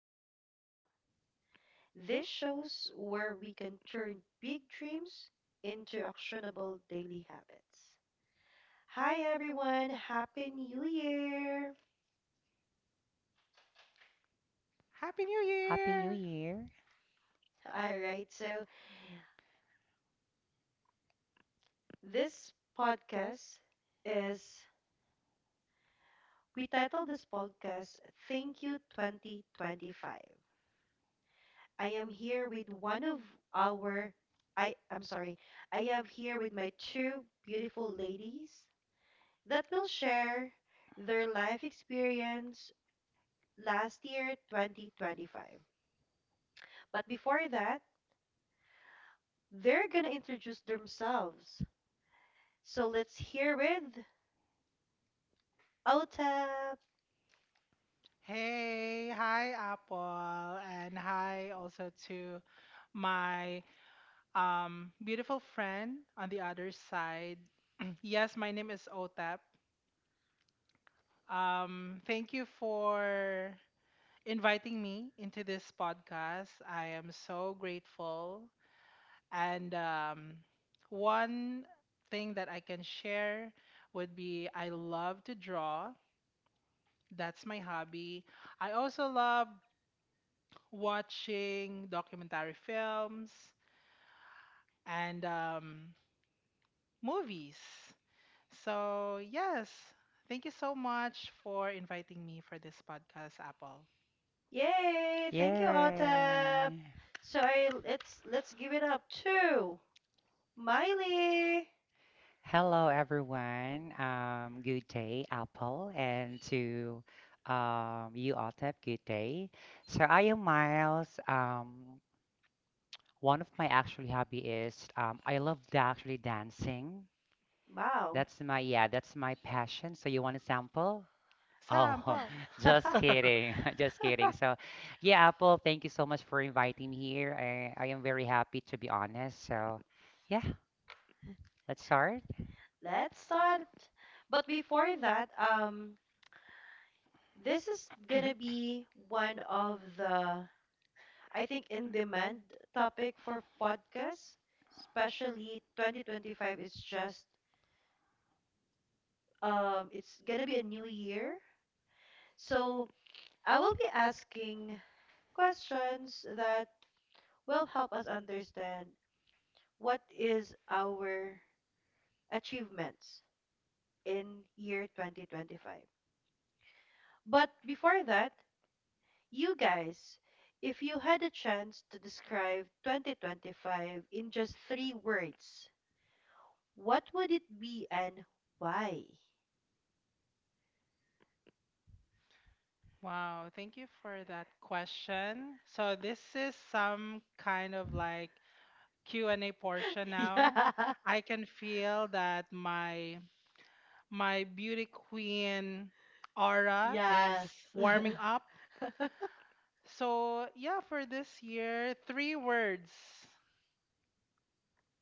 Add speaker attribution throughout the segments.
Speaker 1: With Apple. This shows where we can turn big dreams into actionable daily habits. Hi everyone, happy new year.
Speaker 2: Happy New
Speaker 3: Happy New
Speaker 2: Year!
Speaker 3: Year.
Speaker 1: All right, so this podcast is we titled this podcast Thank You 2025. I am here with one of our I'm sorry. I have here with my two beautiful ladies that will share their life experience last year 2025. But before that, they're going to introduce themselves. So let's hear with Otap.
Speaker 2: Hey, hi Apple, and hi also to my beautiful friend on the other side. Yes, my name is Otap. Thank you for inviting me into this podcast. I am so grateful. And one thing that I can share would be I love to draw. That's my hobby. I also love watching documentary films and movies. So, yes, thank you so much for inviting me for this podcast, Apple.
Speaker 1: Yay! Thank you, Otap.
Speaker 3: Yeah.
Speaker 1: So I let's give it up to Miley.
Speaker 3: Hello, everyone. Good day, Apple, and to you, Otep, good day. So I am Miles. One of my actually hobby is I love actually dancing.
Speaker 1: Wow.
Speaker 3: That's my passion. So you want a sample?
Speaker 2: Sam,
Speaker 3: Oh,
Speaker 2: Paul.
Speaker 3: just kidding. Just kidding. So, yeah, Apple, thank you so much for inviting me here. I am very happy, to be honest. So, yeah. Let's start.
Speaker 1: Let's start. But before that, this is gonna be one of the, I think, in demand topic for podcasts, especially 2025 is just, it's gonna be a new year. So I will be asking questions that will help us understand what is our achievements in year 2025. But before that, you guys, if you had a chance to describe 2025 in just three words, what would it be and why?
Speaker 2: Wow, thank you for that question. So this is some kind of like Q&A portion now.
Speaker 1: Yeah.
Speaker 2: I can feel that my beauty queen aura is
Speaker 1: Yes.
Speaker 2: warming up. So, yeah, for this year, three words.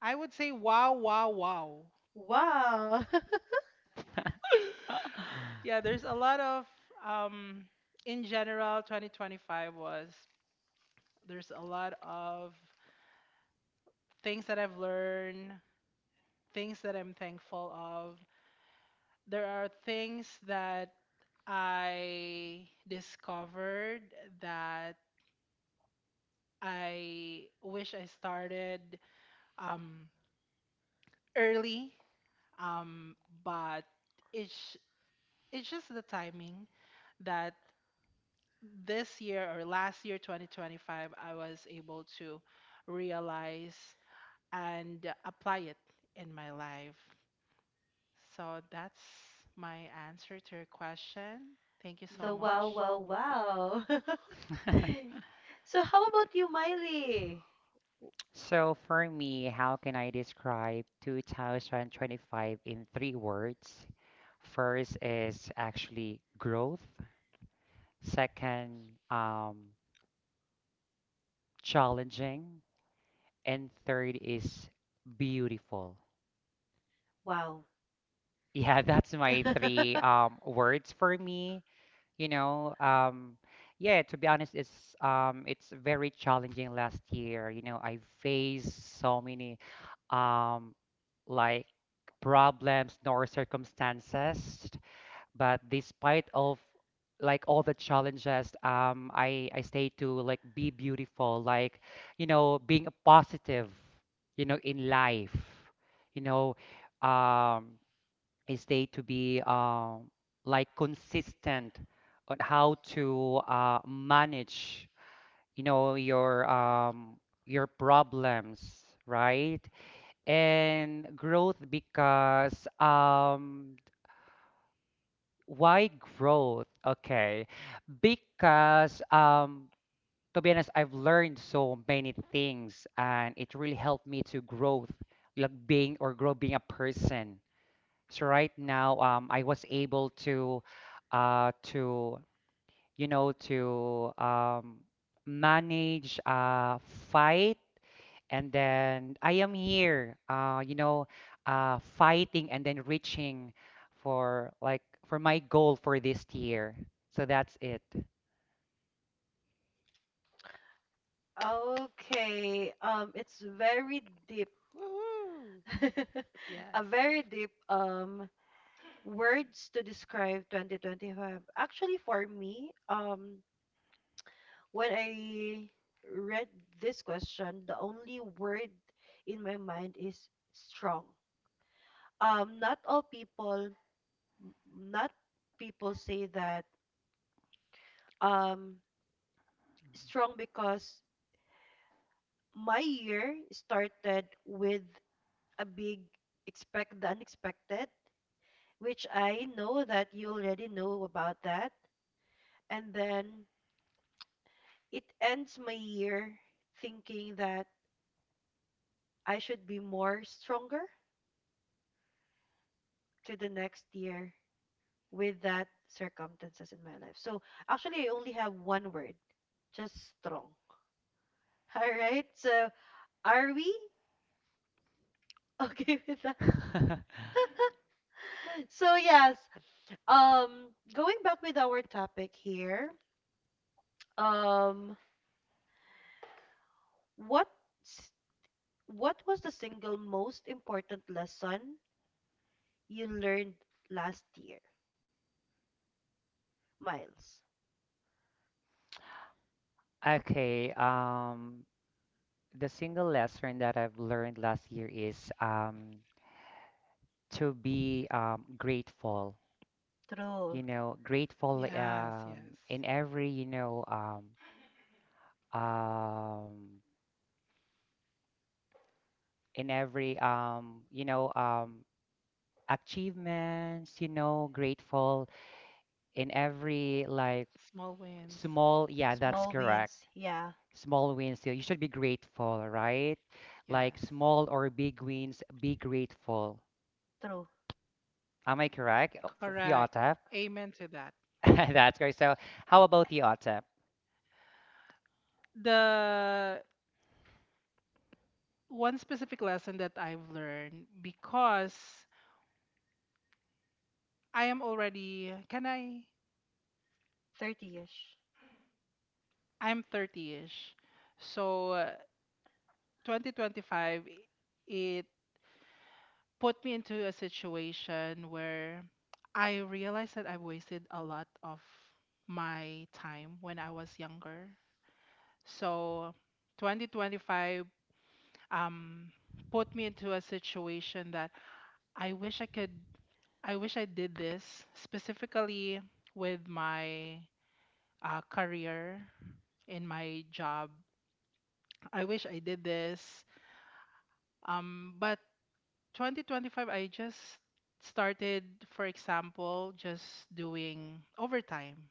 Speaker 2: I would say wow, wow, wow.
Speaker 1: Wow.
Speaker 2: Yeah, there's a lot of, um, in general, 2025 was, there's a lot of things that I've learned, things that I'm thankful of. There are things that I discovered that I wish I started um, early, um, but it's it's just the timing that this year or last year 2025 I was able to realize and apply it in my life. So that's my answer to your question. Thank you so
Speaker 1: The wow,
Speaker 2: much.
Speaker 1: wow, wow. So how about you, Miley?
Speaker 3: So for me, how can I describe 2025 in three words? First is actually growth. Second, challenging. And third is beautiful.
Speaker 1: Wow.
Speaker 3: Yeah, that's my three words for me. you know um yeah, to be honest, it's very challenging last year. You know, I faced so many um like problems nor circumstances. But despite of like all the challenges, I stay to like be beautiful, like, you know, being a positive, you know, in life, you know. um is they to be like consistent on how to manage, you know, your problems, right? And growth, because why growth? Okay, because to be honest, I've learned so many things and it really helped me to growth, like being or grow being a person. So right now, I was able uh, to to manage, fight, and then I am here, fighting, and then reaching for like for my goal for this year. So that's it.
Speaker 1: Okay. It's very deep.
Speaker 2: Woohoo! Yes
Speaker 1: A very deep words to describe 2025. Actually, for me, when I read this question, the only word in my mind is strong. Not all people, not people say that, um, strong because my year started with a big expect the unexpected, which I know that you already know about that. And then it ends my year thinking that I should be more stronger to the next year with that circumstances in my life. So actually, I only have one word, just strong. All right. So are we okay with that? So yes. Going back with our topic here. Um, what s- what was the single most important lesson you learned last year, Miles?
Speaker 3: Okay, the single lesson that I've learned last year is to be grateful,
Speaker 1: True.
Speaker 3: you know, grateful
Speaker 2: yes, yes.
Speaker 3: in every, you know, um, in every, achievements, you know, grateful in every like
Speaker 2: Small wins.
Speaker 3: small, yeah, that's
Speaker 1: Small
Speaker 3: correct.
Speaker 1: wins. Yeah.
Speaker 3: Small wins, you should be grateful, right? Like
Speaker 2: Yes,
Speaker 3: small or big wins, be grateful.
Speaker 1: True.
Speaker 3: Am I correct? Oh, for you,
Speaker 2: correct.
Speaker 3: Otap?
Speaker 2: Amen to that.
Speaker 3: That's great. So, how about the Otap?
Speaker 2: The one specific lesson that I've learned, because I am already, can I,
Speaker 1: 30-ish.
Speaker 2: I'm 30ish. So 2025, it put me into a situation where I realized that I wasted a lot of my time when I was younger. So 2025 um put me into a situation that I wish I could I wish I did this, specifically with my career in my job. I wish I did this. But 2025, I just started, for example, just doing overtime,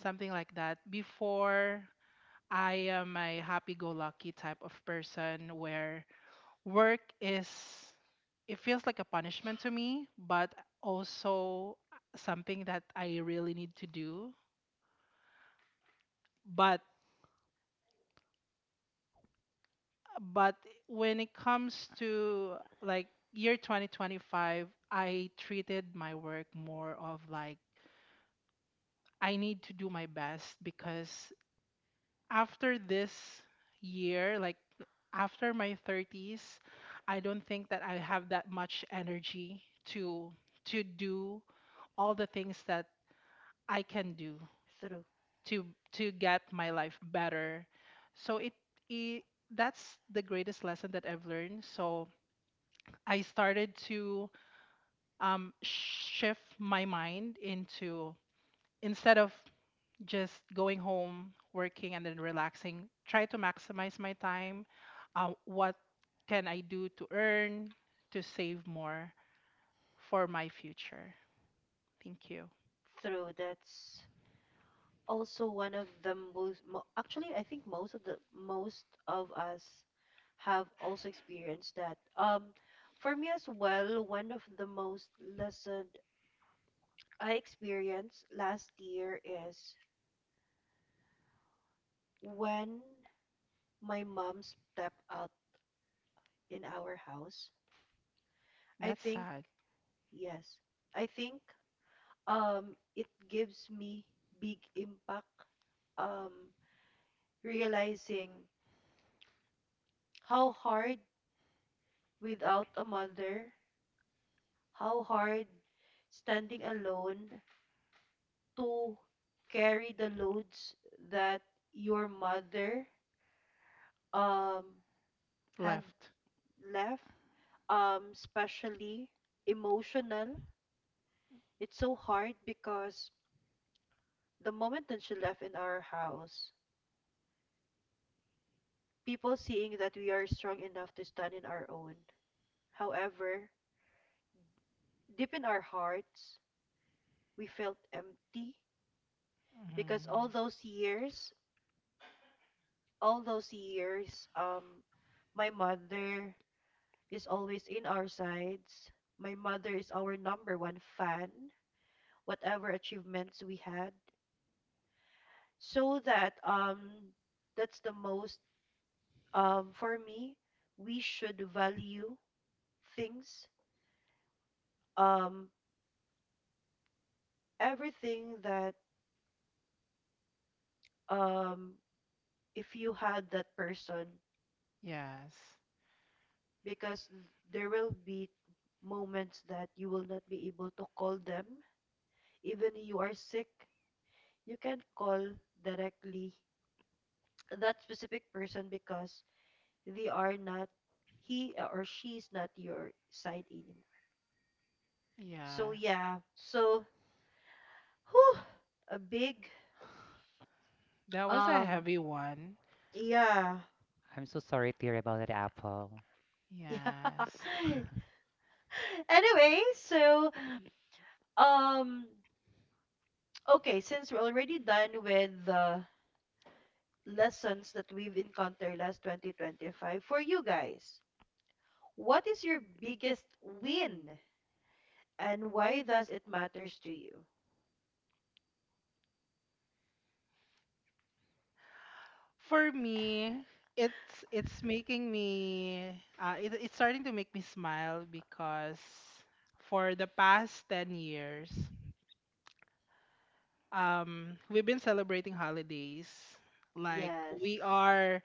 Speaker 1: Yeah.
Speaker 2: something like that. Before, I am a happy go lucky type of person where work is, it feels like a punishment to me, but also something that I really need to do. But but when it comes to like year 2025, I treated my work more of like I need to do my best, because after this year, like after my 30s, I don't think that I have that much energy to do all the things that I can do
Speaker 1: Through,
Speaker 2: to get my life better. So it that's the greatest lesson that I've learned. So I started to shift my mind into, instead of just going home, working, and then relaxing, try to maximize my time. What can I do to earn, to save more for my future? Thank you.
Speaker 1: through. That's also one of the most. Actually, I think most of us have also experienced that. For me as well, one of the most lesson I experienced last year is when my mom stepped out in our house. I
Speaker 2: That's
Speaker 1: think
Speaker 2: sad.
Speaker 1: yes, I think it gives me big impact, um realizing how hard without a mother, how hard standing alone to carry the loads that your mother um had
Speaker 2: Left.
Speaker 1: left, especially emotional. It's so hard because the moment that she left in our house, people seeing that we are strong enough to stand in our own, however deep in our hearts we felt empty because all those years, my mother is always in our sides. My mother is our number one fan, whatever achievements we had. So that, that's the most, for me, we should value things. Um everything that, um if you had that person,
Speaker 2: Yes.
Speaker 1: because there will be moments that you will not be able to call them. Even you are sick, you can call directly that specific person because they are not, he or she is not your side anymore.
Speaker 2: Yeah.
Speaker 1: So yeah. So whew, a big
Speaker 2: That was a
Speaker 1: um
Speaker 2: heavy one.
Speaker 1: yeah.
Speaker 3: I'm so sorry to hear about that, Apple.
Speaker 2: Yes.
Speaker 1: Yeah. Anyway, so um okay, since we're already done with the lessons that we've encountered last 2025 for you guys, what is your biggest win and why does it matters to you?
Speaker 2: For me, it's making me it's starting to make me smile, because for the past 10 years, we've been celebrating holidays. Like
Speaker 1: Yes.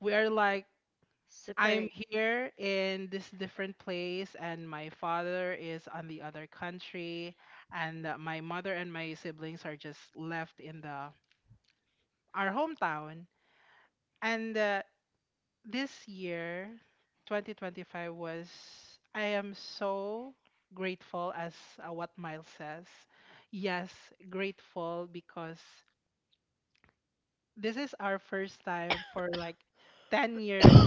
Speaker 2: we are like I'm
Speaker 1: Separate.
Speaker 2: here in this different place and my father is on the other country, and my mother and my siblings are just left in the our hometown. And this year, 2025 was, I am so grateful, as what Miles says. Yes, grateful, because this is our first time for like 10 years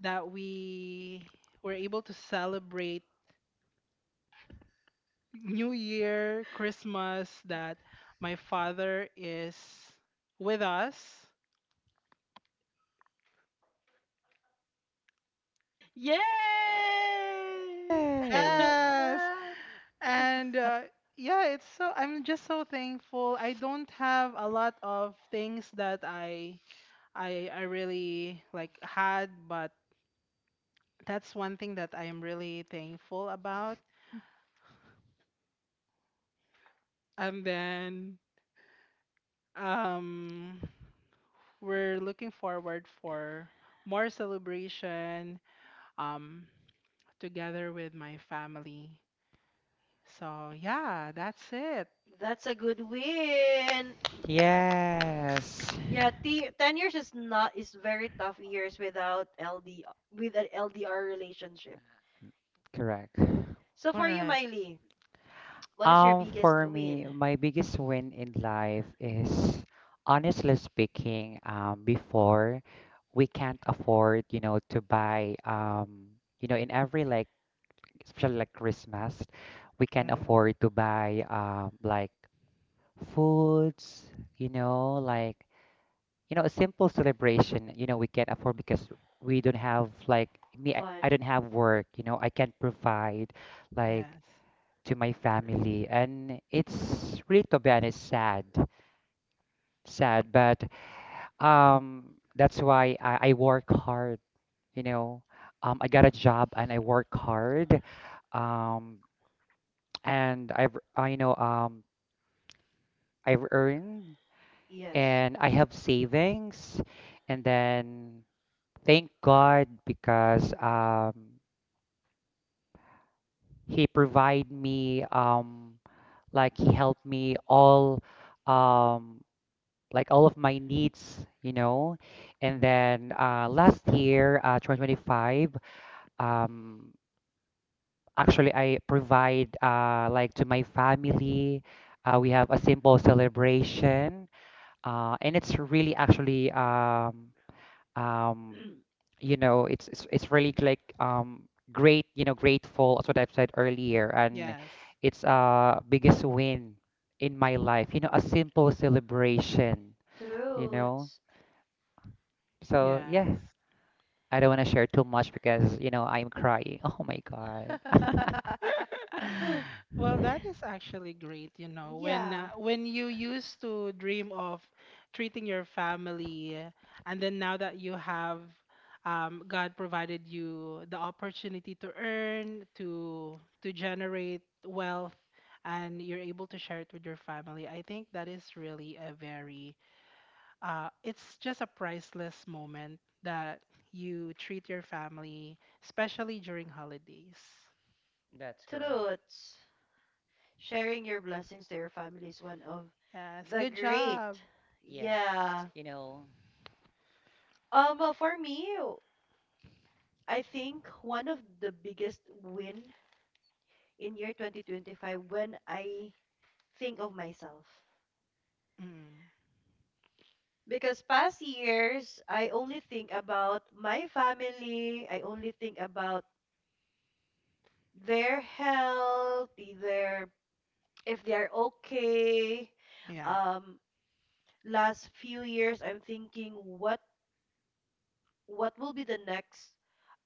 Speaker 2: that we were able to celebrate New Year, Christmas, that my father is with us.
Speaker 1: Yay!
Speaker 3: Hey.
Speaker 2: Yes. And yeah, it's, so I'm just so thankful. I don't have a lot of things that I really like had, but that's one thing that I am really thankful about. And then um we're looking forward for more celebration um together with my family. So yeah, that's it.
Speaker 1: That's a good win.
Speaker 3: Yes,
Speaker 1: Yeah, 10 years is not is very tough years without LD, with an LDR relationship.
Speaker 3: correct.
Speaker 1: So for you,
Speaker 2: Correct.
Speaker 1: Miley, what is your biggest
Speaker 3: For me,
Speaker 1: win?
Speaker 3: my biggest win in life is, honestly speaking, before we can't afford, you know, to buy, in every like, especially like Christmas, we can
Speaker 2: Mm,
Speaker 3: afford to buy, like foods, you know, like, you know, a simple celebration, you know, we can afford because we don't have like me, I,
Speaker 1: Fun.
Speaker 3: I don't have work, you know, I can provide like
Speaker 2: yes.
Speaker 3: to my family, and it's really, to be honest, sad, sad. But that's why I work hard. You know, I got a job and I work hard, um, and I've earned,
Speaker 1: Yes.
Speaker 3: and I have savings. And then thank God, because He provide me like He helped me all um like all of my needs, you know. And then last year, 2025, um, actually I provide like to my family. We have a simple celebration, and it's really actually um, it's really like great, you know, grateful. That's what I've said earlier, and
Speaker 2: Yes.
Speaker 3: it's biggest win in my life. You know, a simple celebration. You know,
Speaker 1: Truths.
Speaker 3: so
Speaker 2: Yes.
Speaker 3: yeah. I don't want to share too much because, you know, I'm crying. Oh my God.
Speaker 2: Well, that is actually great, you know,
Speaker 1: Yeah,
Speaker 2: when you used to dream of treating your family, and then now that you have God provided you the opportunity to earn, to generate wealth, and you're able to share it with your family. I think that is really a very it's just a priceless moment that you treat your family, especially during holidays.
Speaker 3: That's correct.
Speaker 1: truths. Sharing your blessings to your family is one of
Speaker 2: Yes,
Speaker 1: the
Speaker 2: good
Speaker 1: great.
Speaker 2: job.
Speaker 3: Yes.
Speaker 1: Yeah.
Speaker 3: You know,
Speaker 1: For me, I think one of the biggest win in year 2025 when I think of myself.
Speaker 2: Mm.
Speaker 1: Because past years, I only think about my family, I only think about their health, their, if they are okay.
Speaker 2: Yeah.
Speaker 1: Um last few years I'm thinking what will be the next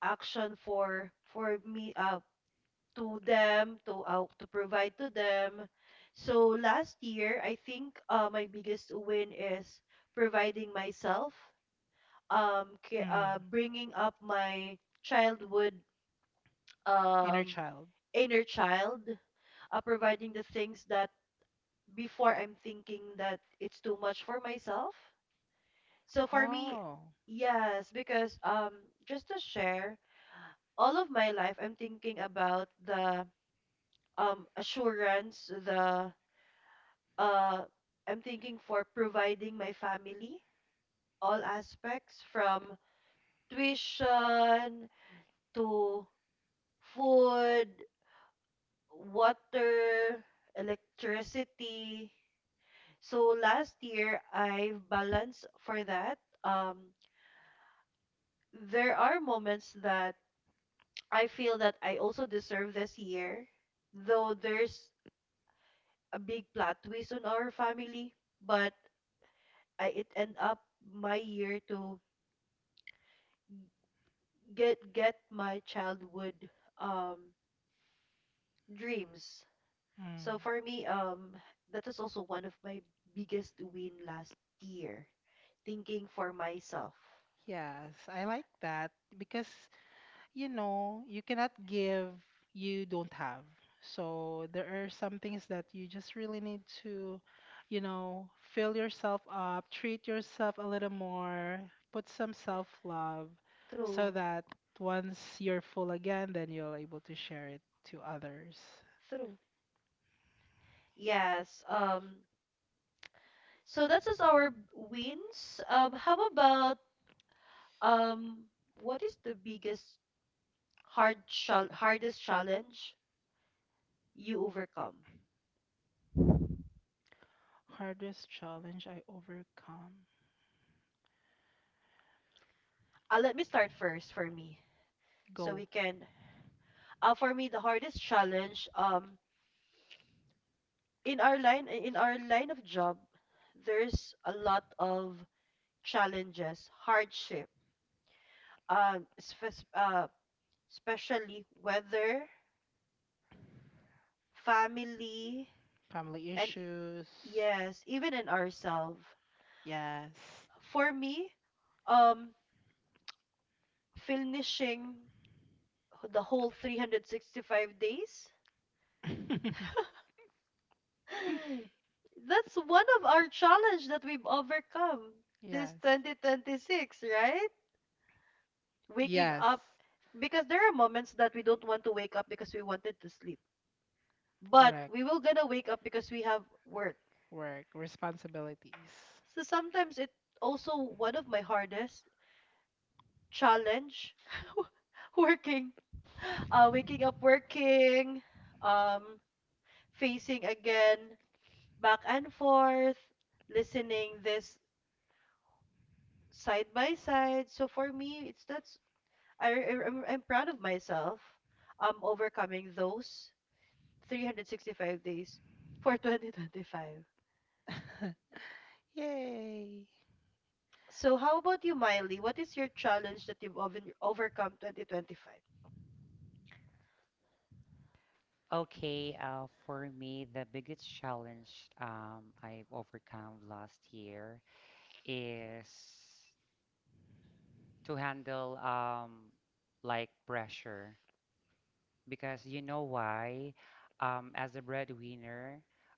Speaker 1: action for, for me to them, to, to provide to them. So last year I think, my biggest win is providing myself,
Speaker 2: Mm.
Speaker 1: bringing up my childhood,
Speaker 2: Inner
Speaker 1: um
Speaker 2: child.
Speaker 1: inner child, providing the things that before I'm thinking that it's too much for myself. So for me,
Speaker 2: Oh.
Speaker 1: yes, because just to share, all of my life I'm thinking about the, assurance, the, uh I'm thinking for providing my family all aspects from tuition to food, water, electricity. So last year I balanced for that. um there are moments that I feel that I also deserve this year, though there's a big plot twist on our family, but I, it end up my year to get my childhood, um dreams. So
Speaker 2: Mm.
Speaker 1: for me, that is also one of my biggest win last year. Thinking for myself.
Speaker 2: Yes, I like that, because you know, you cannot give, you don't have. So there are some things that you just really need to, you know, fill yourself up, treat yourself a little more, put some self-love, so
Speaker 1: True.
Speaker 2: that once you're full again, then you're able to share it to others.
Speaker 1: True. Yes. So that's just our wins. How about, um what is the biggest hardest challenge you overcome?
Speaker 2: Hardest challenge I overcome.
Speaker 1: Let me start first for me so
Speaker 2: Go.
Speaker 1: we can, for me, the hardest challenge, in our line, of job, there's a lot of challenges, hardship, um spec- uh, especially weather, family,
Speaker 2: Family
Speaker 1: and e,
Speaker 2: issues.
Speaker 1: yes, even in ourselves.
Speaker 2: Yes.
Speaker 1: For me, um finishing the whole 365 days that's one of our challenge that we've overcome this
Speaker 2: Yes.
Speaker 1: 2026, right? Waking
Speaker 2: Yes.
Speaker 1: up, because there are moments that we don't want to wake up because we wanted to sleep, but
Speaker 2: Correct.
Speaker 1: we will gonna wake up because we have work.
Speaker 2: Work. Responsibilities.
Speaker 1: So sometimes it also one of my hardest challenge. Working, waking up, working, um facing again back and forth, listening this side by side. So for me, it's that's, I'm proud of myself overcoming those 365 days for 2025.
Speaker 2: Yay.
Speaker 1: So how about you, Miley? What is your challenge that you've overcome 2025?
Speaker 3: okay, for me, the biggest challenge I've overcome last year is to handle like pressure, because you know why, as a breadwinner,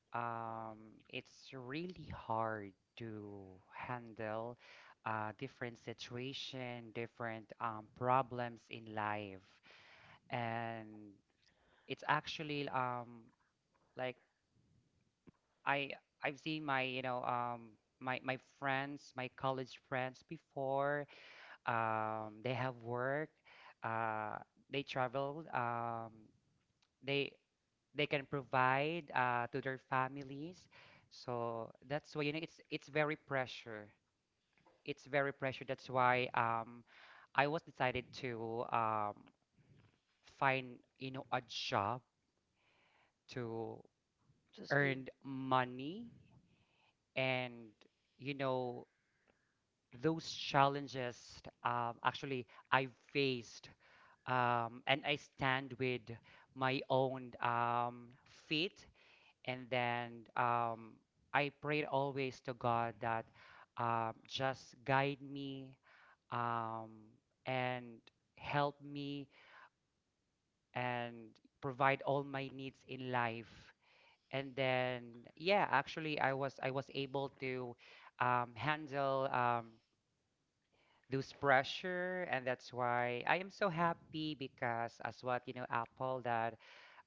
Speaker 3: um, it's really hard to handle different situation, different problems in life. And it's actually like i I've seen my, you know, my friends, my college friends, before they have work, uh, they traveled, they they can provide to their families. So that's why, you know, it's very pressure. It's very pressure. That's why I was decided to find, you know, a job to
Speaker 1: Sustain.
Speaker 3: earn money. And, you know, those challenges, actually I faced, and I stand with my own feet. And then I prayed always to God that, just guide me, um, and help me and provide all my needs in life. And then, yeah, actually, I was able to handle those pressure. And that's why I am so happy, because as what you know, Apple, that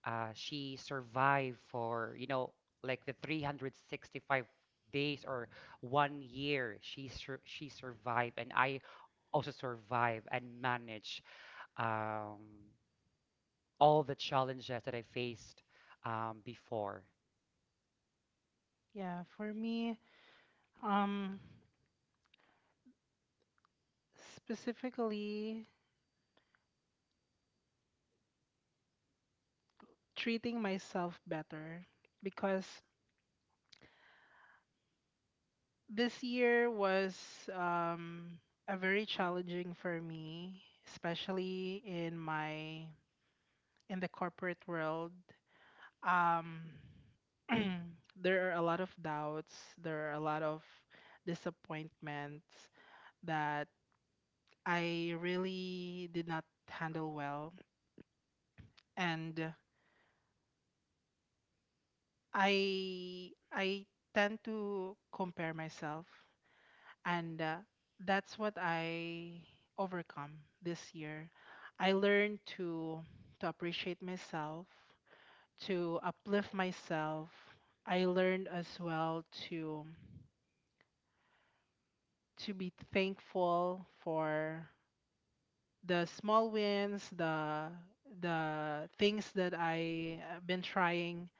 Speaker 3: she survived for, you know, like the 365 days or 1 year. She survived, and I also survived and managed um, all the challenges that I faced before.
Speaker 2: Yeah, for me, um specifically treating myself better, because this year was um a very challenging for me, especially in my in the corporate world. Um, there are a lot of doubts, there are a lot of disappointments that I really did not handle well, and I tend to compare myself. And that's what I overcome this year. I learned to appreciate myself, to uplift myself. I learned as well to be thankful for the small wins, the things that I have been trying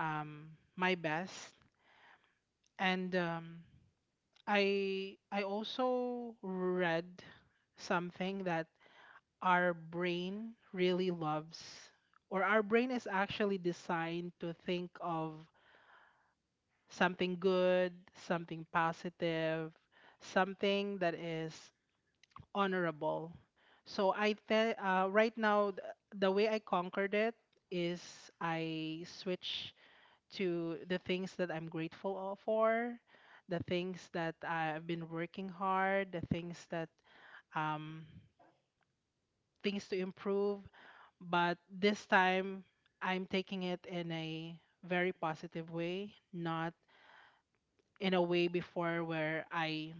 Speaker 2: my best. And I also read something that our brain really loves, or our brain is actually designed to think of something good, something positive, something that is honorable. So right now the way I conquered it is I switch to the things that I'm grateful for, the things that I've been working hard, the things that um things to improve, but this time I'm taking it in a very positive way, not in a way before where I,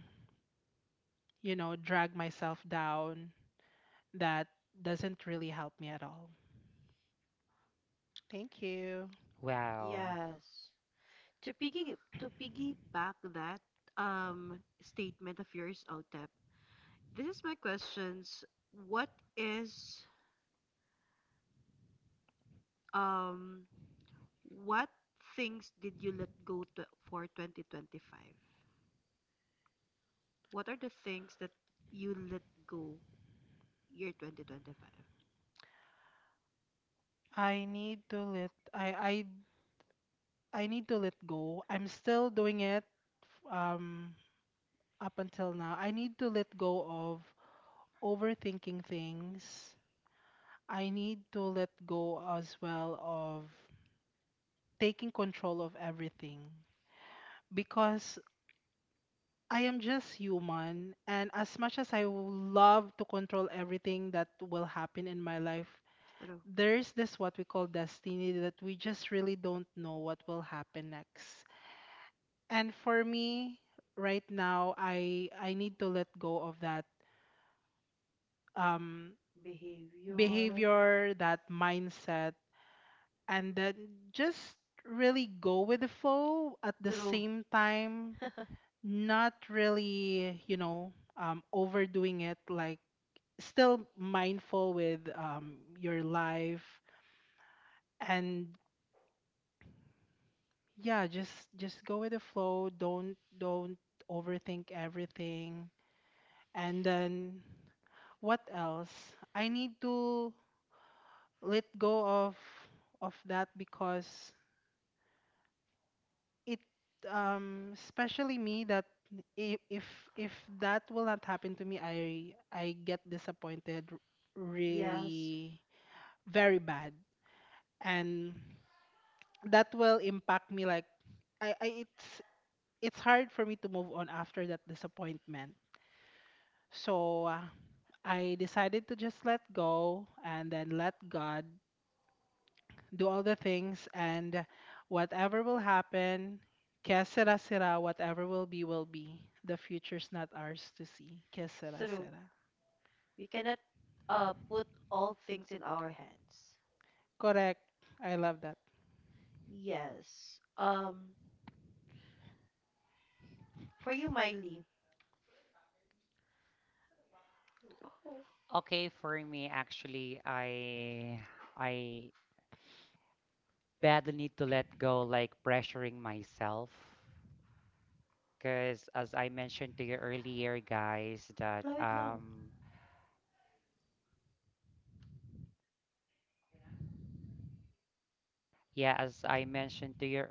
Speaker 2: you know, drag myself down, that doesn't really help me at all. Thank you.
Speaker 3: Wow.
Speaker 1: Yes. To piggy to piggyback that, um statement of yours, Otep, this is my questions. What is, um what things did you let go to, for 2025? What are the things that you let go year 2025?
Speaker 2: I need to let I I need to let go. I'm still doing it um up until now. I need to let go of overthinking things. I need to let go as well of taking control of everything, because I am just human, and as much as I would love to control everything that will happen in my life,
Speaker 1: True.
Speaker 2: there's this what we call destiny, that we just really don't know what will happen next. And for me, right now, I need to let go of that um
Speaker 1: Behavior.
Speaker 2: behavior, that mindset, and then just really go with the flow at the
Speaker 1: True.
Speaker 2: same time, not really, you know, overdoing it, like still mindful with your life. And yeah, just go with the flow. Don't overthink everything. And then what else? I need to let go of that, because it especially me, that i- if if that will not happen to me, I get disappointed
Speaker 1: Yes.
Speaker 2: really very bad, and that will impact me, like I it's hard for me to move on after that disappointment. So I decided to just let go and then let God do all the things, and whatever will happen, que sera sera, whatever will be will be. The future's not ours to see. Que sera
Speaker 1: True.
Speaker 2: sera.
Speaker 1: We cannot, put all things in our hands.
Speaker 2: Correct. I love that.
Speaker 1: Yes.
Speaker 3: Okay, for me, actually, I badly need to let go, like pressuring myself. Because as I mentioned to you earlier, guys, that yeah, as I mentioned to your.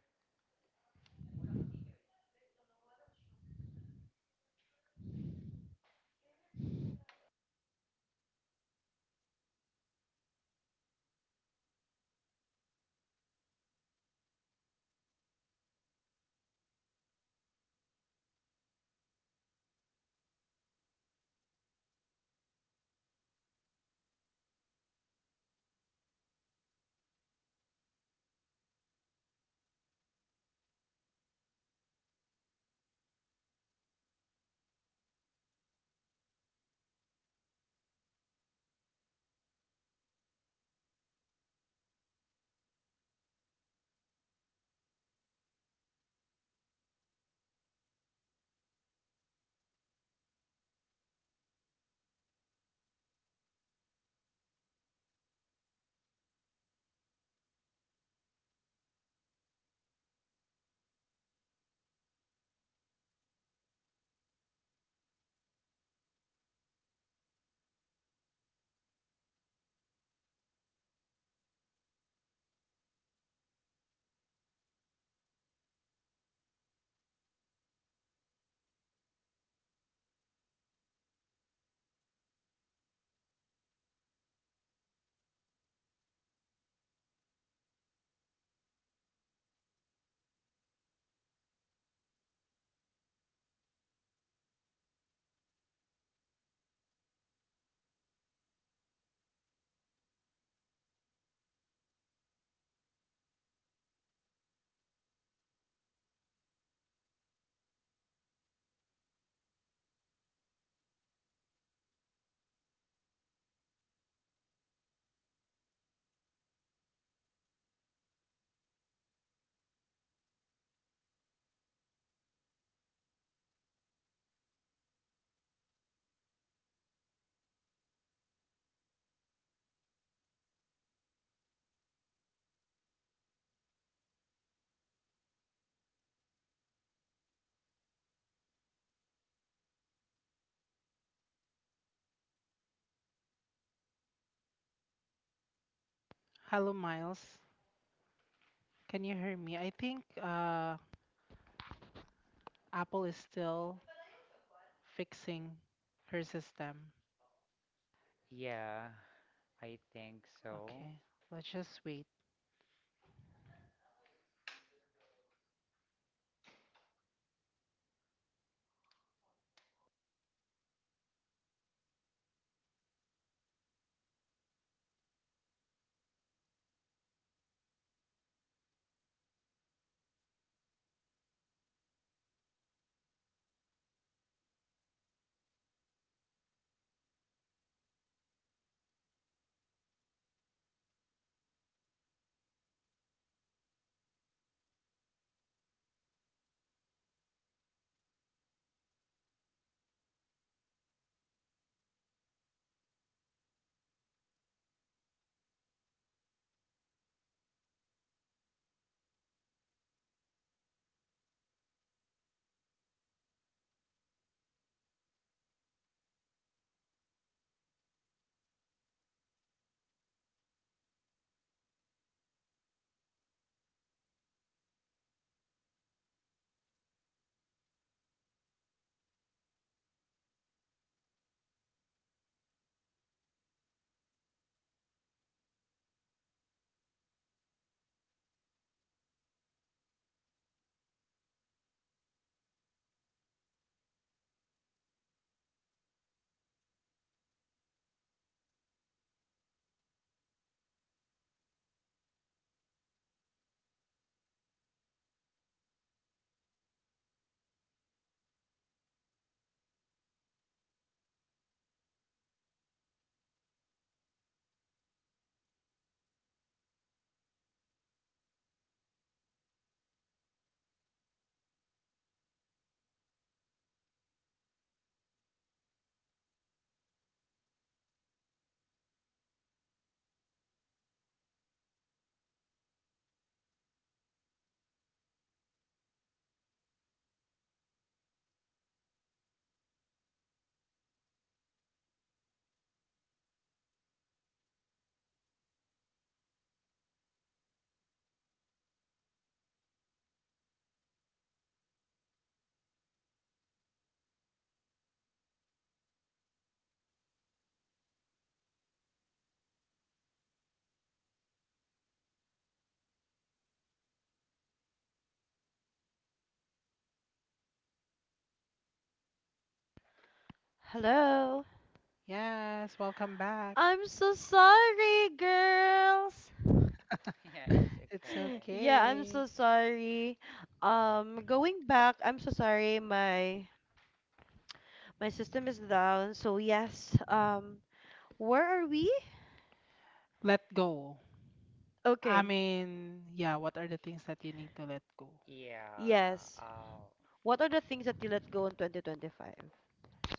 Speaker 2: Hello, Miles. Can you hear me? I think Apple is still fixing her system.
Speaker 3: Yeah, I think so.
Speaker 2: Okay, let's just wait.
Speaker 1: hello.
Speaker 2: Yes, welcome back.
Speaker 1: I'm so sorry, girls.
Speaker 3: Yeah, it's
Speaker 2: It's
Speaker 3: okay.
Speaker 1: Yeah, I'm
Speaker 2: okay.
Speaker 1: so sorry. Going back, I'm so sorry. My system is down. So yes. Where are we?
Speaker 2: Let go. I
Speaker 1: Okay.
Speaker 2: mean, yeah, what are the things that you need to let go?
Speaker 3: Yeah.
Speaker 1: Yes.
Speaker 3: Uh,
Speaker 1: What are the things that you let go in 2025?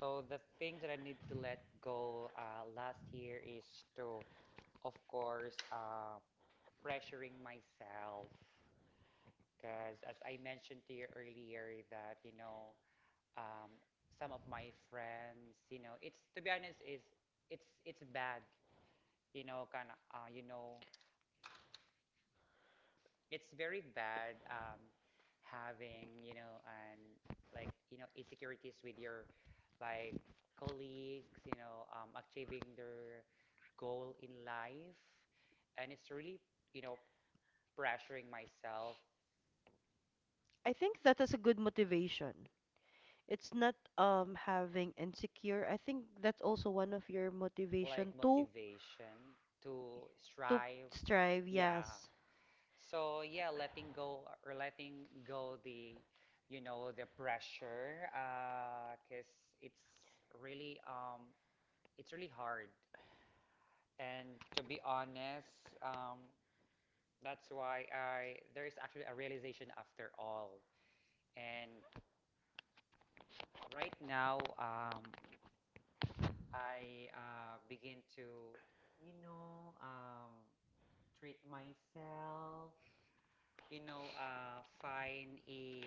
Speaker 3: so the thing that I need to let go, last year, is to, of course, pressuring myself. Because as I mentioned to you earlier, that, you know, um, some of my friends, you know, it's, to be honest, is, it's bad, you know, kind of, you know, it's very bad, having, you know, and like, you know, insecurities with your like colleagues, you know, achieving their goal in life. And it's really, you know, pressuring myself,
Speaker 1: I think that is a good motivation. It's not having insecure. I think that's also one of your
Speaker 3: like
Speaker 1: motivation to
Speaker 3: motivation to
Speaker 1: to
Speaker 3: strive,
Speaker 1: strive.
Speaker 3: yeah.
Speaker 1: Yes,
Speaker 3: So yeah, letting go, or letting go the, you know, the pressure, 'cause it's really, it's really hard. And to be honest, that's why I, there is actually a realization after all. And right now, I begin to, you know, treat myself. You know, find a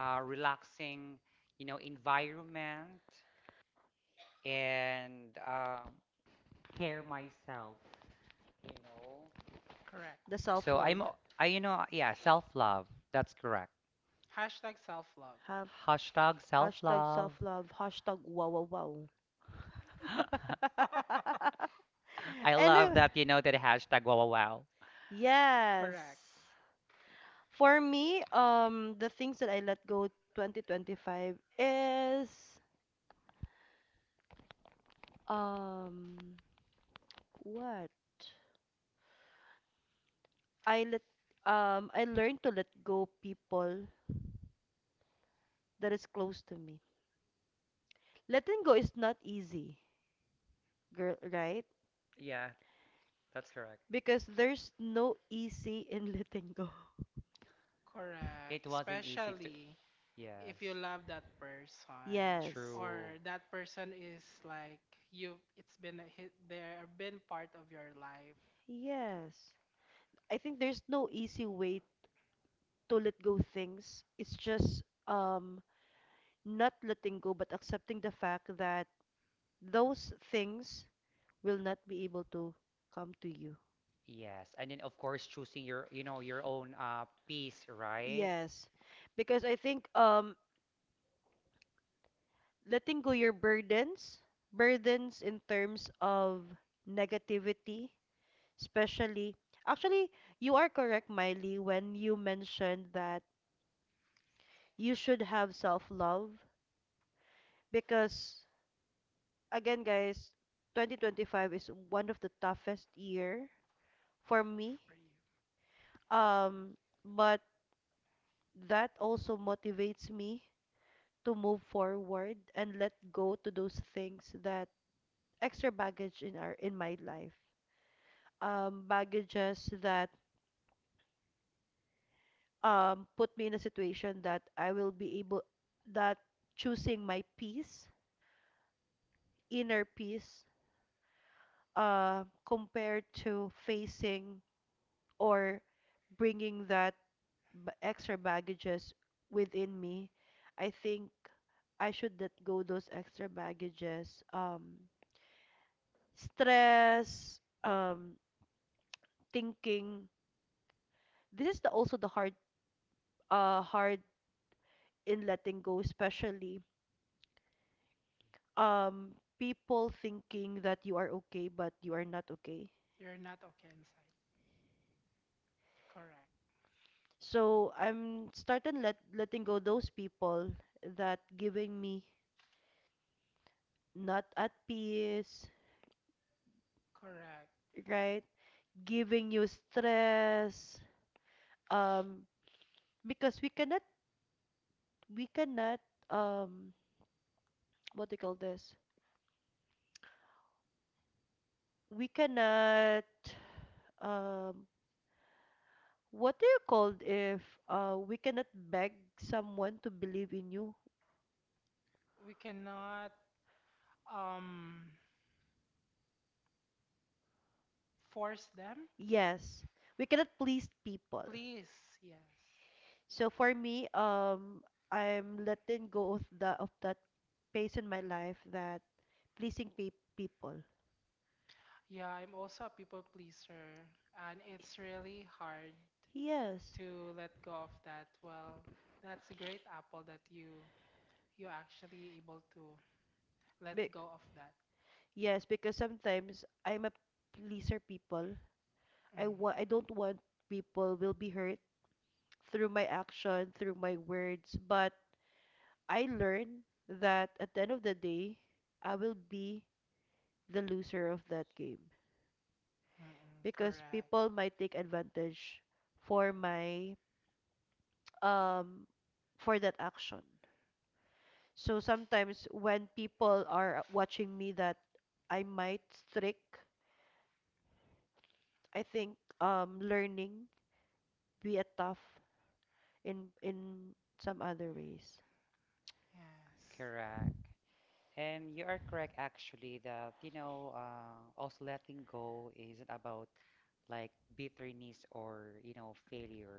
Speaker 3: relaxing, you know, environment, and care myself. You know,
Speaker 2: Correct.
Speaker 1: the self
Speaker 3: so
Speaker 1: love.
Speaker 3: you know, yeah, self-love. That's correct.
Speaker 2: Hashtag self love.
Speaker 3: Hashtag
Speaker 1: Hashtag
Speaker 3: self-love.
Speaker 1: self love. Hashtag wow wow wow.
Speaker 3: I love
Speaker 1: Anyway,
Speaker 3: that, you know, that hashtag wow, wow, wow.
Speaker 1: yes.
Speaker 2: Correct.
Speaker 1: For me, the things that I let go 2025 is, um what? I let, I learned to let go people that is close to me. Letting go is not easy, girl, right?
Speaker 3: Yeah, that's correct.
Speaker 1: Because there's no easy in letting go.
Speaker 3: It
Speaker 2: Correct.
Speaker 3: wasn't easy to,
Speaker 2: Especially if you
Speaker 3: yes,
Speaker 2: love that person,
Speaker 1: Yes.
Speaker 3: true.
Speaker 2: or that person is like, you, it's been a hit, there been part of your life
Speaker 1: Yes. I think there's no easy way to let go things. It's just not letting go but accepting the fact that those things will not be able to come to you.
Speaker 3: Yes. And then of course choosing your, you know, your own peace, right?
Speaker 1: Yes. Because I think letting go your burdens, burdens in terms of negativity, especially, actually you are correct, Miley, when you mentioned that you should have self-love because, again guys, 2025 is one of the toughest year for me.
Speaker 2: for you.
Speaker 1: Um, but that also motivates me to move forward and let go to those things that extra baggage in our, in my life. Baggages that, put me in a situation that I will be able that choosing my peace, inner peace, compared to facing or bringing that extra baggages within me. I think I should let go those extra baggages. Stress, um, thinking. This is the, also the hard in letting go, especially, um, people thinking that you are okay but you are not okay.
Speaker 2: You're not okay inside. Correct.
Speaker 1: So I'm starting letting go those people that giving me not at peace,
Speaker 2: Correct.
Speaker 1: right? Giving you stress, um because we cannot, um what do you call this, we cannot um what do you call if we cannot beg someone to believe in you.
Speaker 2: We cannot um force them.
Speaker 1: Yes, we cannot please people.
Speaker 2: Please. Yes.
Speaker 1: So for me, I'm letting go of that, phase in my life that pleasing pe people.
Speaker 2: Yeah, I'm also a people pleaser, and it's really hard
Speaker 1: Yes.
Speaker 2: to let go of that. Well, that's a great apple that you actually able to let
Speaker 1: be-
Speaker 2: go of that.
Speaker 1: yes, because sometimes I'm a pleaser people.
Speaker 2: Mm,
Speaker 1: I don't want people will be hurt through my action, through my words, but I learned that at the end of the day, I will be the loser of that game
Speaker 2: mm-mm,
Speaker 1: because
Speaker 2: correct.
Speaker 1: people might take advantage for my, um for that action. So sometimes when people are watching me that I might strict, I think learning be a tough in some other ways.
Speaker 2: Yes.
Speaker 3: Correct. And you are correct, actually, that, you know, also letting go isn't about like bitterness or, you know, failure.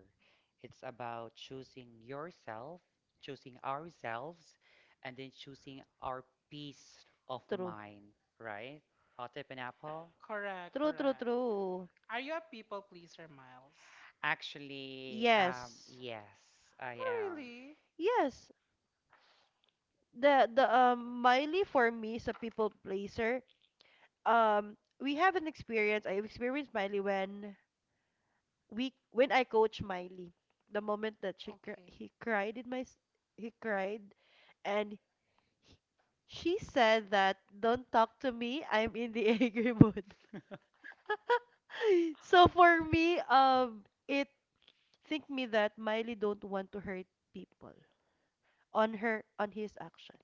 Speaker 3: It's about choosing yourself, choosing ourselves, and then choosing our peace of
Speaker 1: True.
Speaker 3: mind, right? Hot tip and Apple?
Speaker 2: Correct,
Speaker 1: True, true,
Speaker 2: correct.
Speaker 1: true.
Speaker 2: Are you a people pleaser, Miles?
Speaker 3: Actually,
Speaker 1: Yes.
Speaker 3: yes, I
Speaker 2: Oh,
Speaker 3: am.
Speaker 2: really?
Speaker 1: Yes. The, the Miley for me is a people pleaser. We have an experience. I experienced Miley when we, when I coach Miley. The moment that she cr
Speaker 2: Okay.
Speaker 1: he cried, he cried and he- she said that don't talk to me. I'm in the angry mood. So for me, it think me that Miley don't want to hurt people on his actions.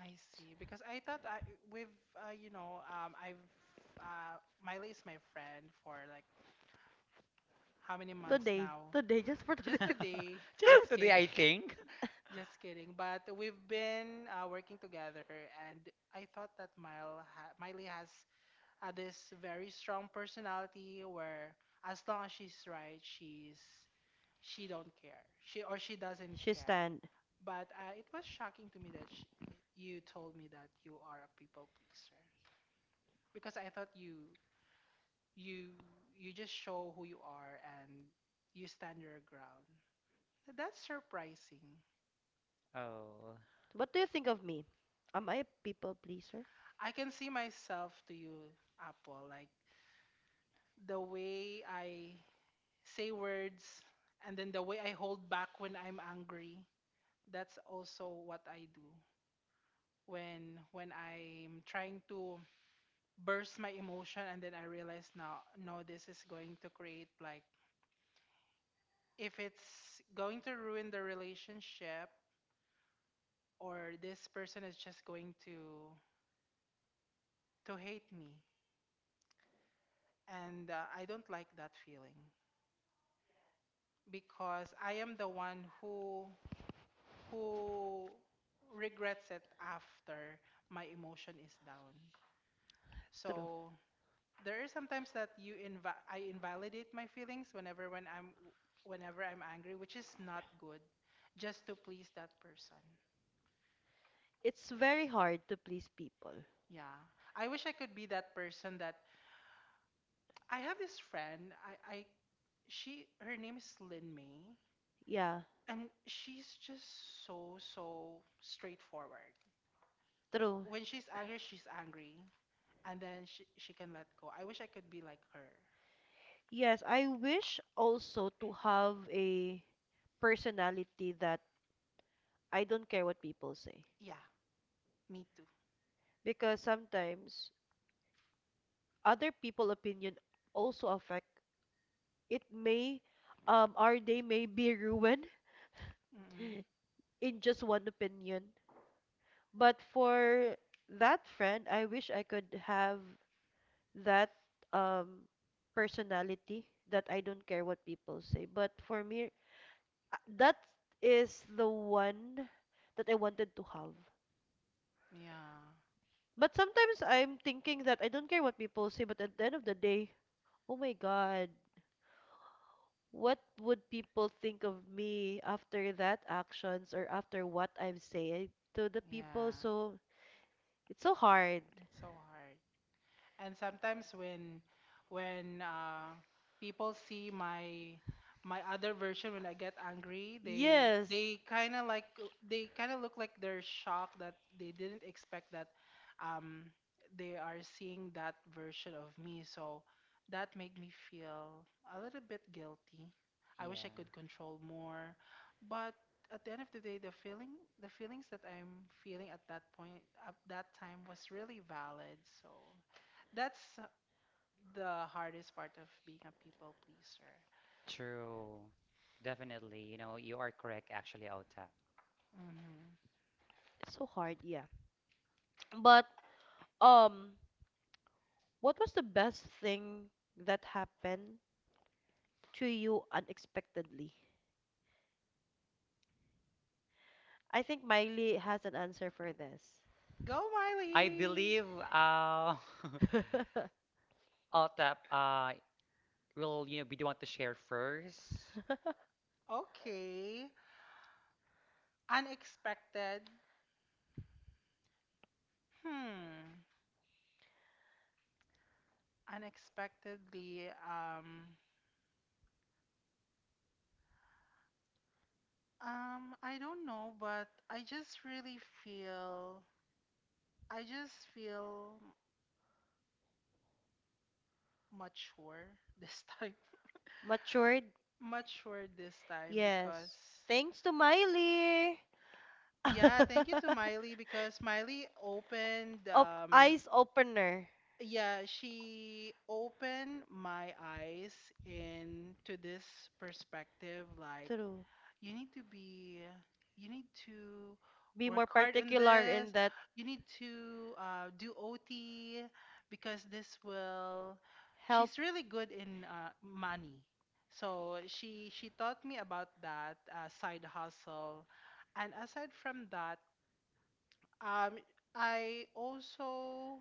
Speaker 2: I see. Because I thought I we've you know I've Miley is my friend for like how many months
Speaker 1: Today.
Speaker 2: now?
Speaker 1: Today, just for today.
Speaker 2: Just today.
Speaker 3: Just for
Speaker 2: Just
Speaker 3: today, I
Speaker 2: kidding.
Speaker 3: think.
Speaker 2: Just kidding. But we've been working together, and I thought that Miley has this very strong personality where as long as she's right, she don't care. She doesn't
Speaker 1: She
Speaker 2: care.
Speaker 1: stand.
Speaker 2: But it was shocking to me that sh you told me that you are a people pleaser. Because I thought you you just show who you are and you stand your ground. That's surprising.
Speaker 3: Oh,
Speaker 1: What do you think of me? Am I a people pleaser?
Speaker 2: I can see myself to you, Apple, like the way I say words, and then the way I hold back when I'm angry. That's also what I do when I'm trying to burst my emotion, and then I realize, now no this is going to create, like, if it's going to ruin the relationship, or this person is just going to hate me, and I don't like that feeling because I am the one who who regrets it after my emotion is down.
Speaker 1: True.
Speaker 2: So there are sometimes that you inv I invalidate my feelings whenever whenever I'm angry, which is not good, just to please that person.
Speaker 1: It's very hard to please people.
Speaker 2: Yeah, I wish I could be that person that— I have this friend. I She, her name is Lin May,
Speaker 1: Yeah,
Speaker 2: and she's just so so straightforward.
Speaker 1: true.
Speaker 2: When she's angry, and then she can let go. I wish I could be like her.
Speaker 1: Yes, I wish also to have a personality that I don't care what people say.
Speaker 2: Yeah, me too.
Speaker 1: Because sometimes other people opinion also affect it may our day may be ruined
Speaker 2: Mm-mm.
Speaker 1: in just one opinion. But for that friend, I wish I could have that um personality that I don't care what people say. But for me, that is the one that I wanted to have.
Speaker 2: Yeah,
Speaker 1: But sometimes I'm thinking that I don't care what people say, but at the end of the day, oh my God, what would people think of me after that actions or after what I've said to the people?
Speaker 2: yeah.
Speaker 1: So it's so hard.
Speaker 2: It's so hard. And sometimes when people see my my other version when I get angry, they
Speaker 1: Yes,
Speaker 2: they kind of like, they kind of look like they're shocked that they didn't expect that um, they are seeing that version of me. So that made me feel a little bit guilty. I wish I
Speaker 3: yeah.
Speaker 2: could control more, but at the end of the day, the feeling, the feelings that I'm feeling at that point, at that time, was really valid. So that's the hardest part of being a people pleaser.
Speaker 3: True. Definitely. You know, you are correct, actually, Otap.
Speaker 2: Hmm.
Speaker 1: it's so hard, yeah. But um, what was the best thing that happened to you unexpectedly? I think Miley has an answer for this.
Speaker 2: Go,
Speaker 3: I
Speaker 2: Miley.
Speaker 3: believe uh Otap will, you know, be the one to share first.
Speaker 2: Okay. Unexpected. Hmm. Unexpectedly, I don't know, but I just really feel, I just feel m- mature this time.
Speaker 1: Matured?
Speaker 2: Mature this time because,
Speaker 1: Yes. Thanks to Miley.
Speaker 2: yeah, thank you to Miley, because Miley opened, um—
Speaker 1: Eyes opener.
Speaker 2: yeah, she opened my eyes into this perspective, like,
Speaker 1: True.
Speaker 2: you need to be, you need to
Speaker 1: Be
Speaker 2: work
Speaker 1: more
Speaker 2: hard on
Speaker 1: particular in
Speaker 2: this.
Speaker 1: that
Speaker 2: You need to do OT because this will—
Speaker 1: help.
Speaker 2: she's really good in money. So she taught me about that side hustle. And aside from that, um, I also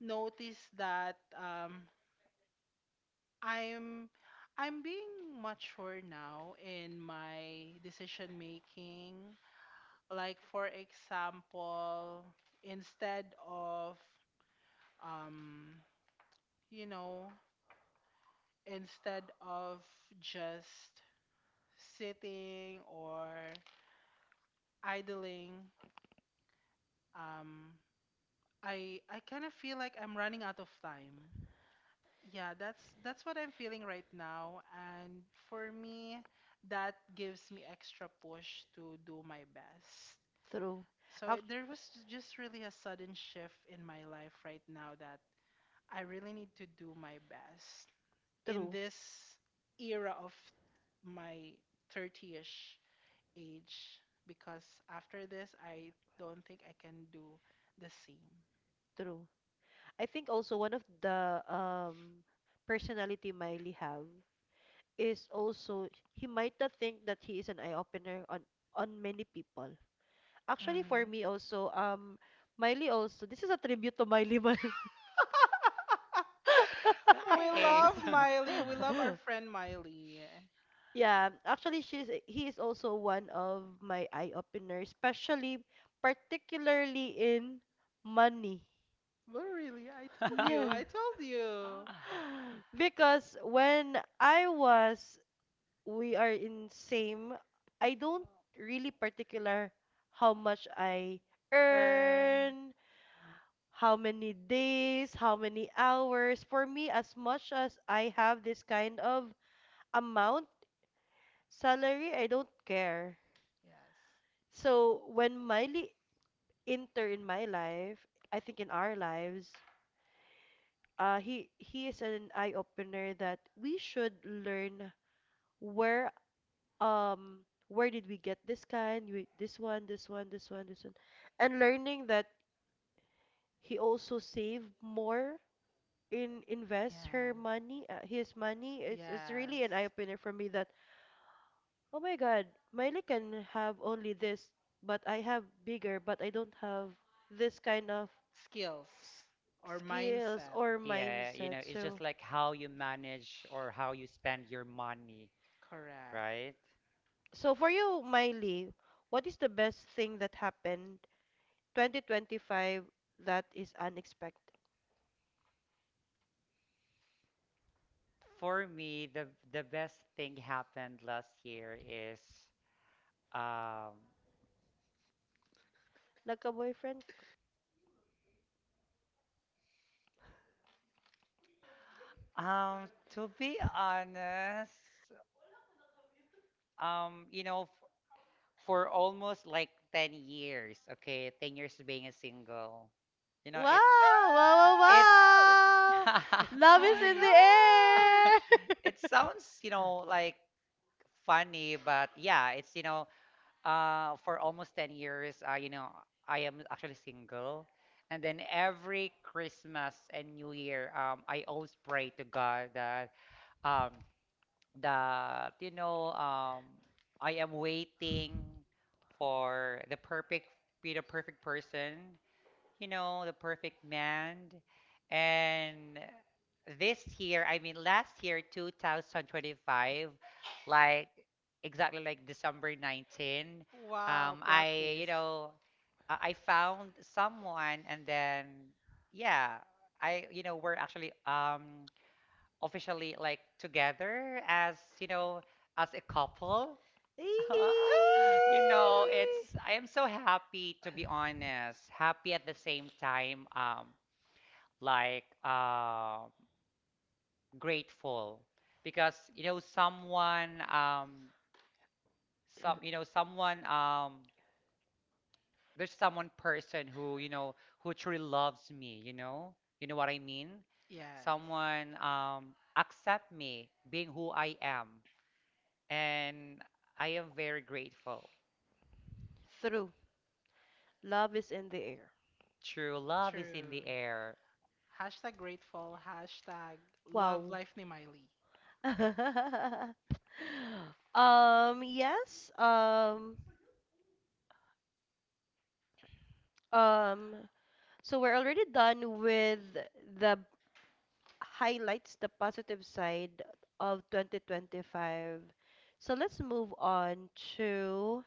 Speaker 2: noticed that, I'm I'm being mature now in my decision making. Like, for example, instead of, um, you know, instead of just sitting or idling, um, I kind of feel like I'm running out of time. Yeah, that's what I'm feeling right now, and for me, that gives me extra push to do my best.
Speaker 1: True.
Speaker 2: So
Speaker 1: Act-
Speaker 2: there was j- just really a sudden shift in my life right now that I really need to do my best in
Speaker 1: True.
Speaker 2: this era of my 30ish age, because after this I don't think I can do the same.
Speaker 1: True. I think also one of the personality Miley have is also he might not think that he is an eye opener on many people. Actually, for
Speaker 2: Mhm.
Speaker 1: me also, Miley also, this is a tribute to Miley Mal.
Speaker 2: We
Speaker 3: Guys.
Speaker 2: love Miley. We love our friend Miley.
Speaker 1: Yeah, actually, she's he is also one of my eye openers, especially particularly in money.
Speaker 2: Well, really, I told you.
Speaker 1: Yeah.
Speaker 2: I told you.
Speaker 1: Because we are in same, I don't really particular how much I
Speaker 2: Earn.
Speaker 1: earn, how many days, how many hours. For me, as much as I have this kind of amount, salary, I don't care.
Speaker 2: Yes.
Speaker 1: So when Miley enter in my life, I think in our lives, he is an eye opener that we should learn where where did we get this kind, we, this one, this one, this one, this one, and learning that he also save more in invest her
Speaker 2: Yes.
Speaker 1: money, his money, it's really
Speaker 2: Yes.
Speaker 1: an eye-opener for me that, oh my God, Miley can have only this, but I have bigger, but I don't have this kind of
Speaker 2: Skills
Speaker 1: s
Speaker 2: or
Speaker 1: skills
Speaker 2: mindset.
Speaker 1: or
Speaker 3: Yeah, you
Speaker 1: mindset.
Speaker 3: know, it's just
Speaker 1: So,
Speaker 3: like how you manage or how you spend your money,
Speaker 2: Correct.
Speaker 3: right?
Speaker 1: so for you, Miley, what is the best thing that happened 2025 that is unexpected?
Speaker 3: For me, the best thing happened last year is um
Speaker 1: Nagka-boyfriend ka.
Speaker 3: To be honest, you know, for almost like 10 years. Okay, 10 years of being a single, you know,
Speaker 1: Wow, wow,
Speaker 2: Ah!
Speaker 1: wow,
Speaker 3: it's,
Speaker 1: wow! Love
Speaker 2: Oh
Speaker 1: is
Speaker 2: my
Speaker 1: in the
Speaker 2: gosh.
Speaker 1: air!
Speaker 3: it sounds, you know, like funny, but yeah, it's, you know, for almost 10 years, you know, I am actually single. And then every Christmas and New Year, I always pray to God that, um, that you know um I am waiting for the perfect be the perfect person, you know, the perfect man. And this year, I mean last year 2025, like exactly like December 19,
Speaker 2: Wow, plot
Speaker 3: I you
Speaker 2: twist.
Speaker 3: know I found someone. And then, yeah, I you know we're actually officially like together, as you know, as a couple.
Speaker 1: Eee.
Speaker 3: You
Speaker 2: Ah!
Speaker 3: know, it's, I am so happy, to be honest, happy at the same time, like um grateful, because you know, someone some you know someone there's someone person who, you know, who truly loves me, you know. You know what I mean?
Speaker 2: Yes.
Speaker 3: Someone accept me being who I am, and I am very grateful.
Speaker 1: Through. Love is in the air.
Speaker 3: True love is in
Speaker 2: True.
Speaker 3: the air.
Speaker 2: Hashtag grateful. Hashtag love
Speaker 1: Wow.
Speaker 2: life ni Miley.
Speaker 1: Yes. Um, so we're already done with the highlights, the positive side of 2025. So let's move on to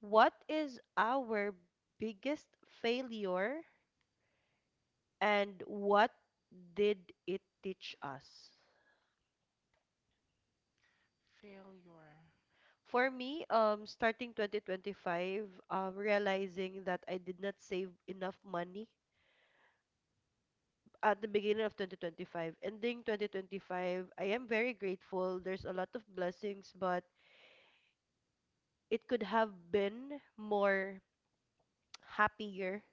Speaker 1: what is our biggest failure and what did it teach us?
Speaker 2: Failure.
Speaker 1: For me, starting 2025, realizing that I did not save enough money at the beginning of 2025. Ending 2025, I am very grateful. There's a lot of blessings, but it could have been more happier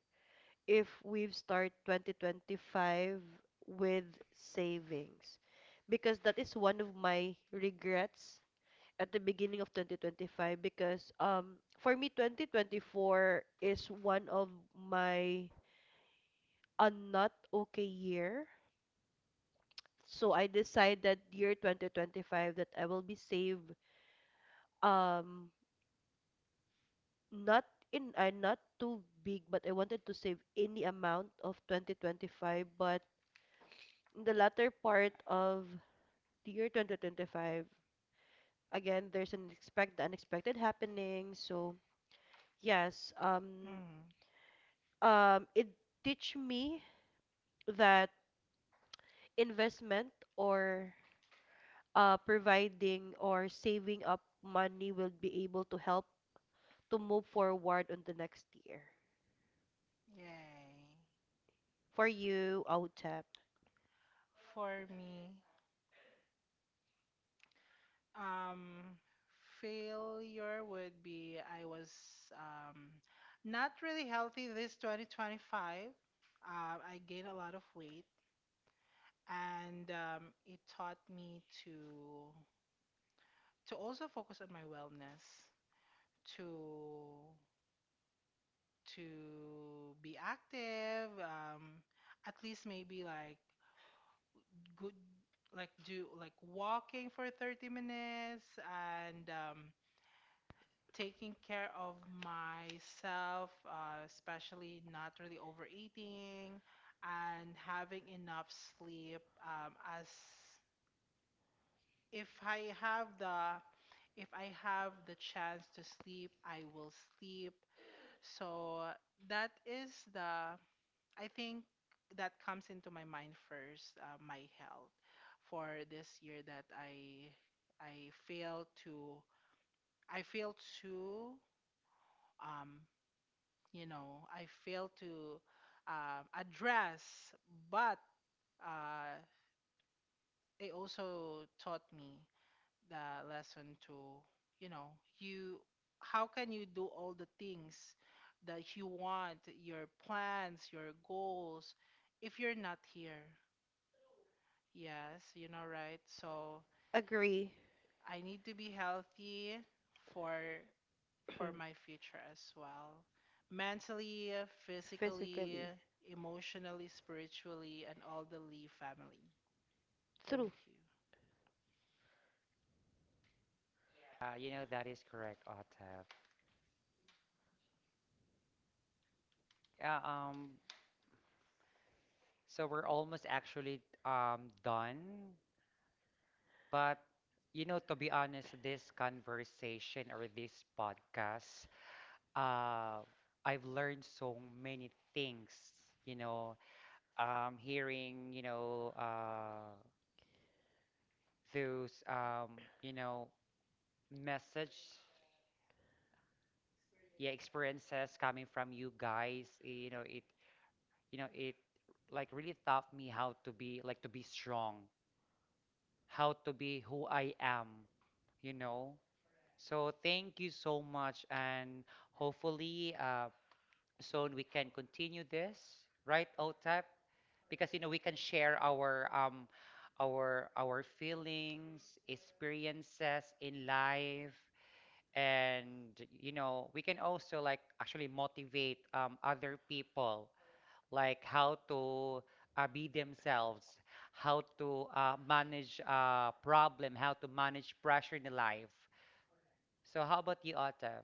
Speaker 1: if we've start 2025 with savings. Because that is one of my regrets at the beginning of 2025 because for me 2024 is one of my a not okay year. So I decided year 2025 that I will be save um not in not too big but I wanted to save any amount of 2025 but in the latter part of the year 2025 again there's an expect the unexpected happening so yes
Speaker 2: Mm.
Speaker 1: it teach me that investment or providing or saving up money will be able to help to move forward on the next year.
Speaker 2: Yay.
Speaker 1: For you, Outap.
Speaker 2: For me, um, failure would be, I was, um, not really healthy this 2025. I gained a lot of weight, and it taught me to also focus on my wellness, to be active, at least maybe like good, like do like walking for 30 minutes, and taking care of myself, especially not really overeating and having enough sleep, as— if I have the, if I have the chance to sleep, I will sleep. So that is the, I think that comes into my mind first, my health for this year that I fail to, I fail to, um, you know, I fail to, address. But, uh, it also taught me the lesson to, you know, you— how can you do all the things that you want, your plans, your goals, if you're not here? Yes, you know, right? So
Speaker 1: Agree.
Speaker 2: I need to be healthy for my future as well, mentally, physically,
Speaker 1: Physically.
Speaker 2: emotionally, spiritually, and all the Lee family. Thank
Speaker 1: True.
Speaker 2: you.
Speaker 3: You know, that is correct, Otav. Yeah, so we're almost actually done. But, you know, to be honest, this conversation or this podcast, uh, I've learned so many things, you know, hearing, you know, those, um, you know, message. Yeah, experiences coming from you guys, you know it, you know it like really taught me how to be, like to be strong, how to be who I am, you know. So thank you so much, and hopefully soon we can continue this, right, Otap? Because you know we can share our, our feelings, experiences in life. And you know we can also like actually motivate other people, like how to be themselves, how to manage problem, how to manage pressure in life. So how about you, Otaf?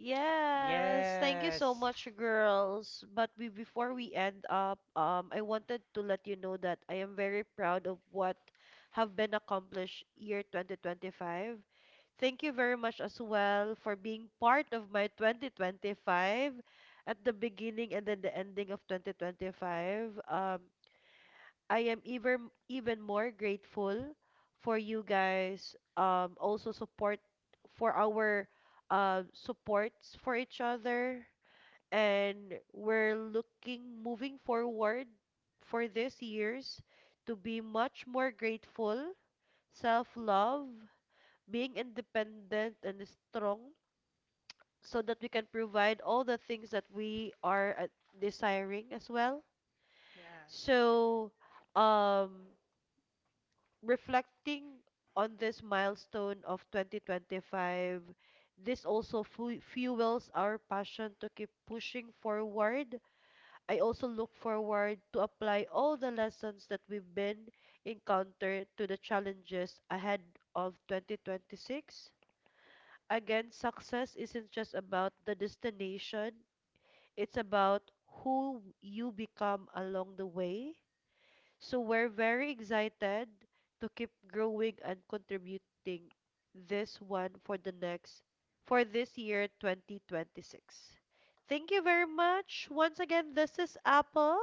Speaker 1: Yes, thank you so
Speaker 3: Yes,
Speaker 1: much, girls. But we, before we end up, I wanted to let you know that I am very proud of what have been accomplished year 2025. Thank you very much as well for being part of my 2025 at the beginning and then the ending of 2025. I am even more grateful for you guys also support for our supports for each other and we're looking moving forward for this years to be much more grateful, self-love, being independent and strong so that we can provide all the things that we are desiring as well.
Speaker 2: Yes.
Speaker 1: So, um reflecting on this milestone of 2025, this also fu fuels our passion to keep pushing forward. I also look forward to apply all the lessons that we've been encountered to the challenges ahead of 2026. Again, success isn't just about the destination, it's about who you become along the way. So we're very excited to keep growing and contributing this one for the next for this year 2026. Thank you very much. Once again, this is Apple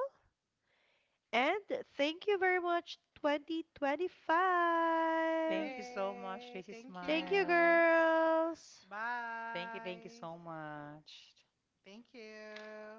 Speaker 1: and thank you very much 2025.
Speaker 3: thank you so much,
Speaker 2: Yay.
Speaker 3: Tracy,
Speaker 2: Thank
Speaker 1: Thank you
Speaker 3: Smiles.
Speaker 2: you.
Speaker 1: girls.
Speaker 3: Thank you, thank you
Speaker 2: Bye.
Speaker 3: so much.
Speaker 2: Thank you.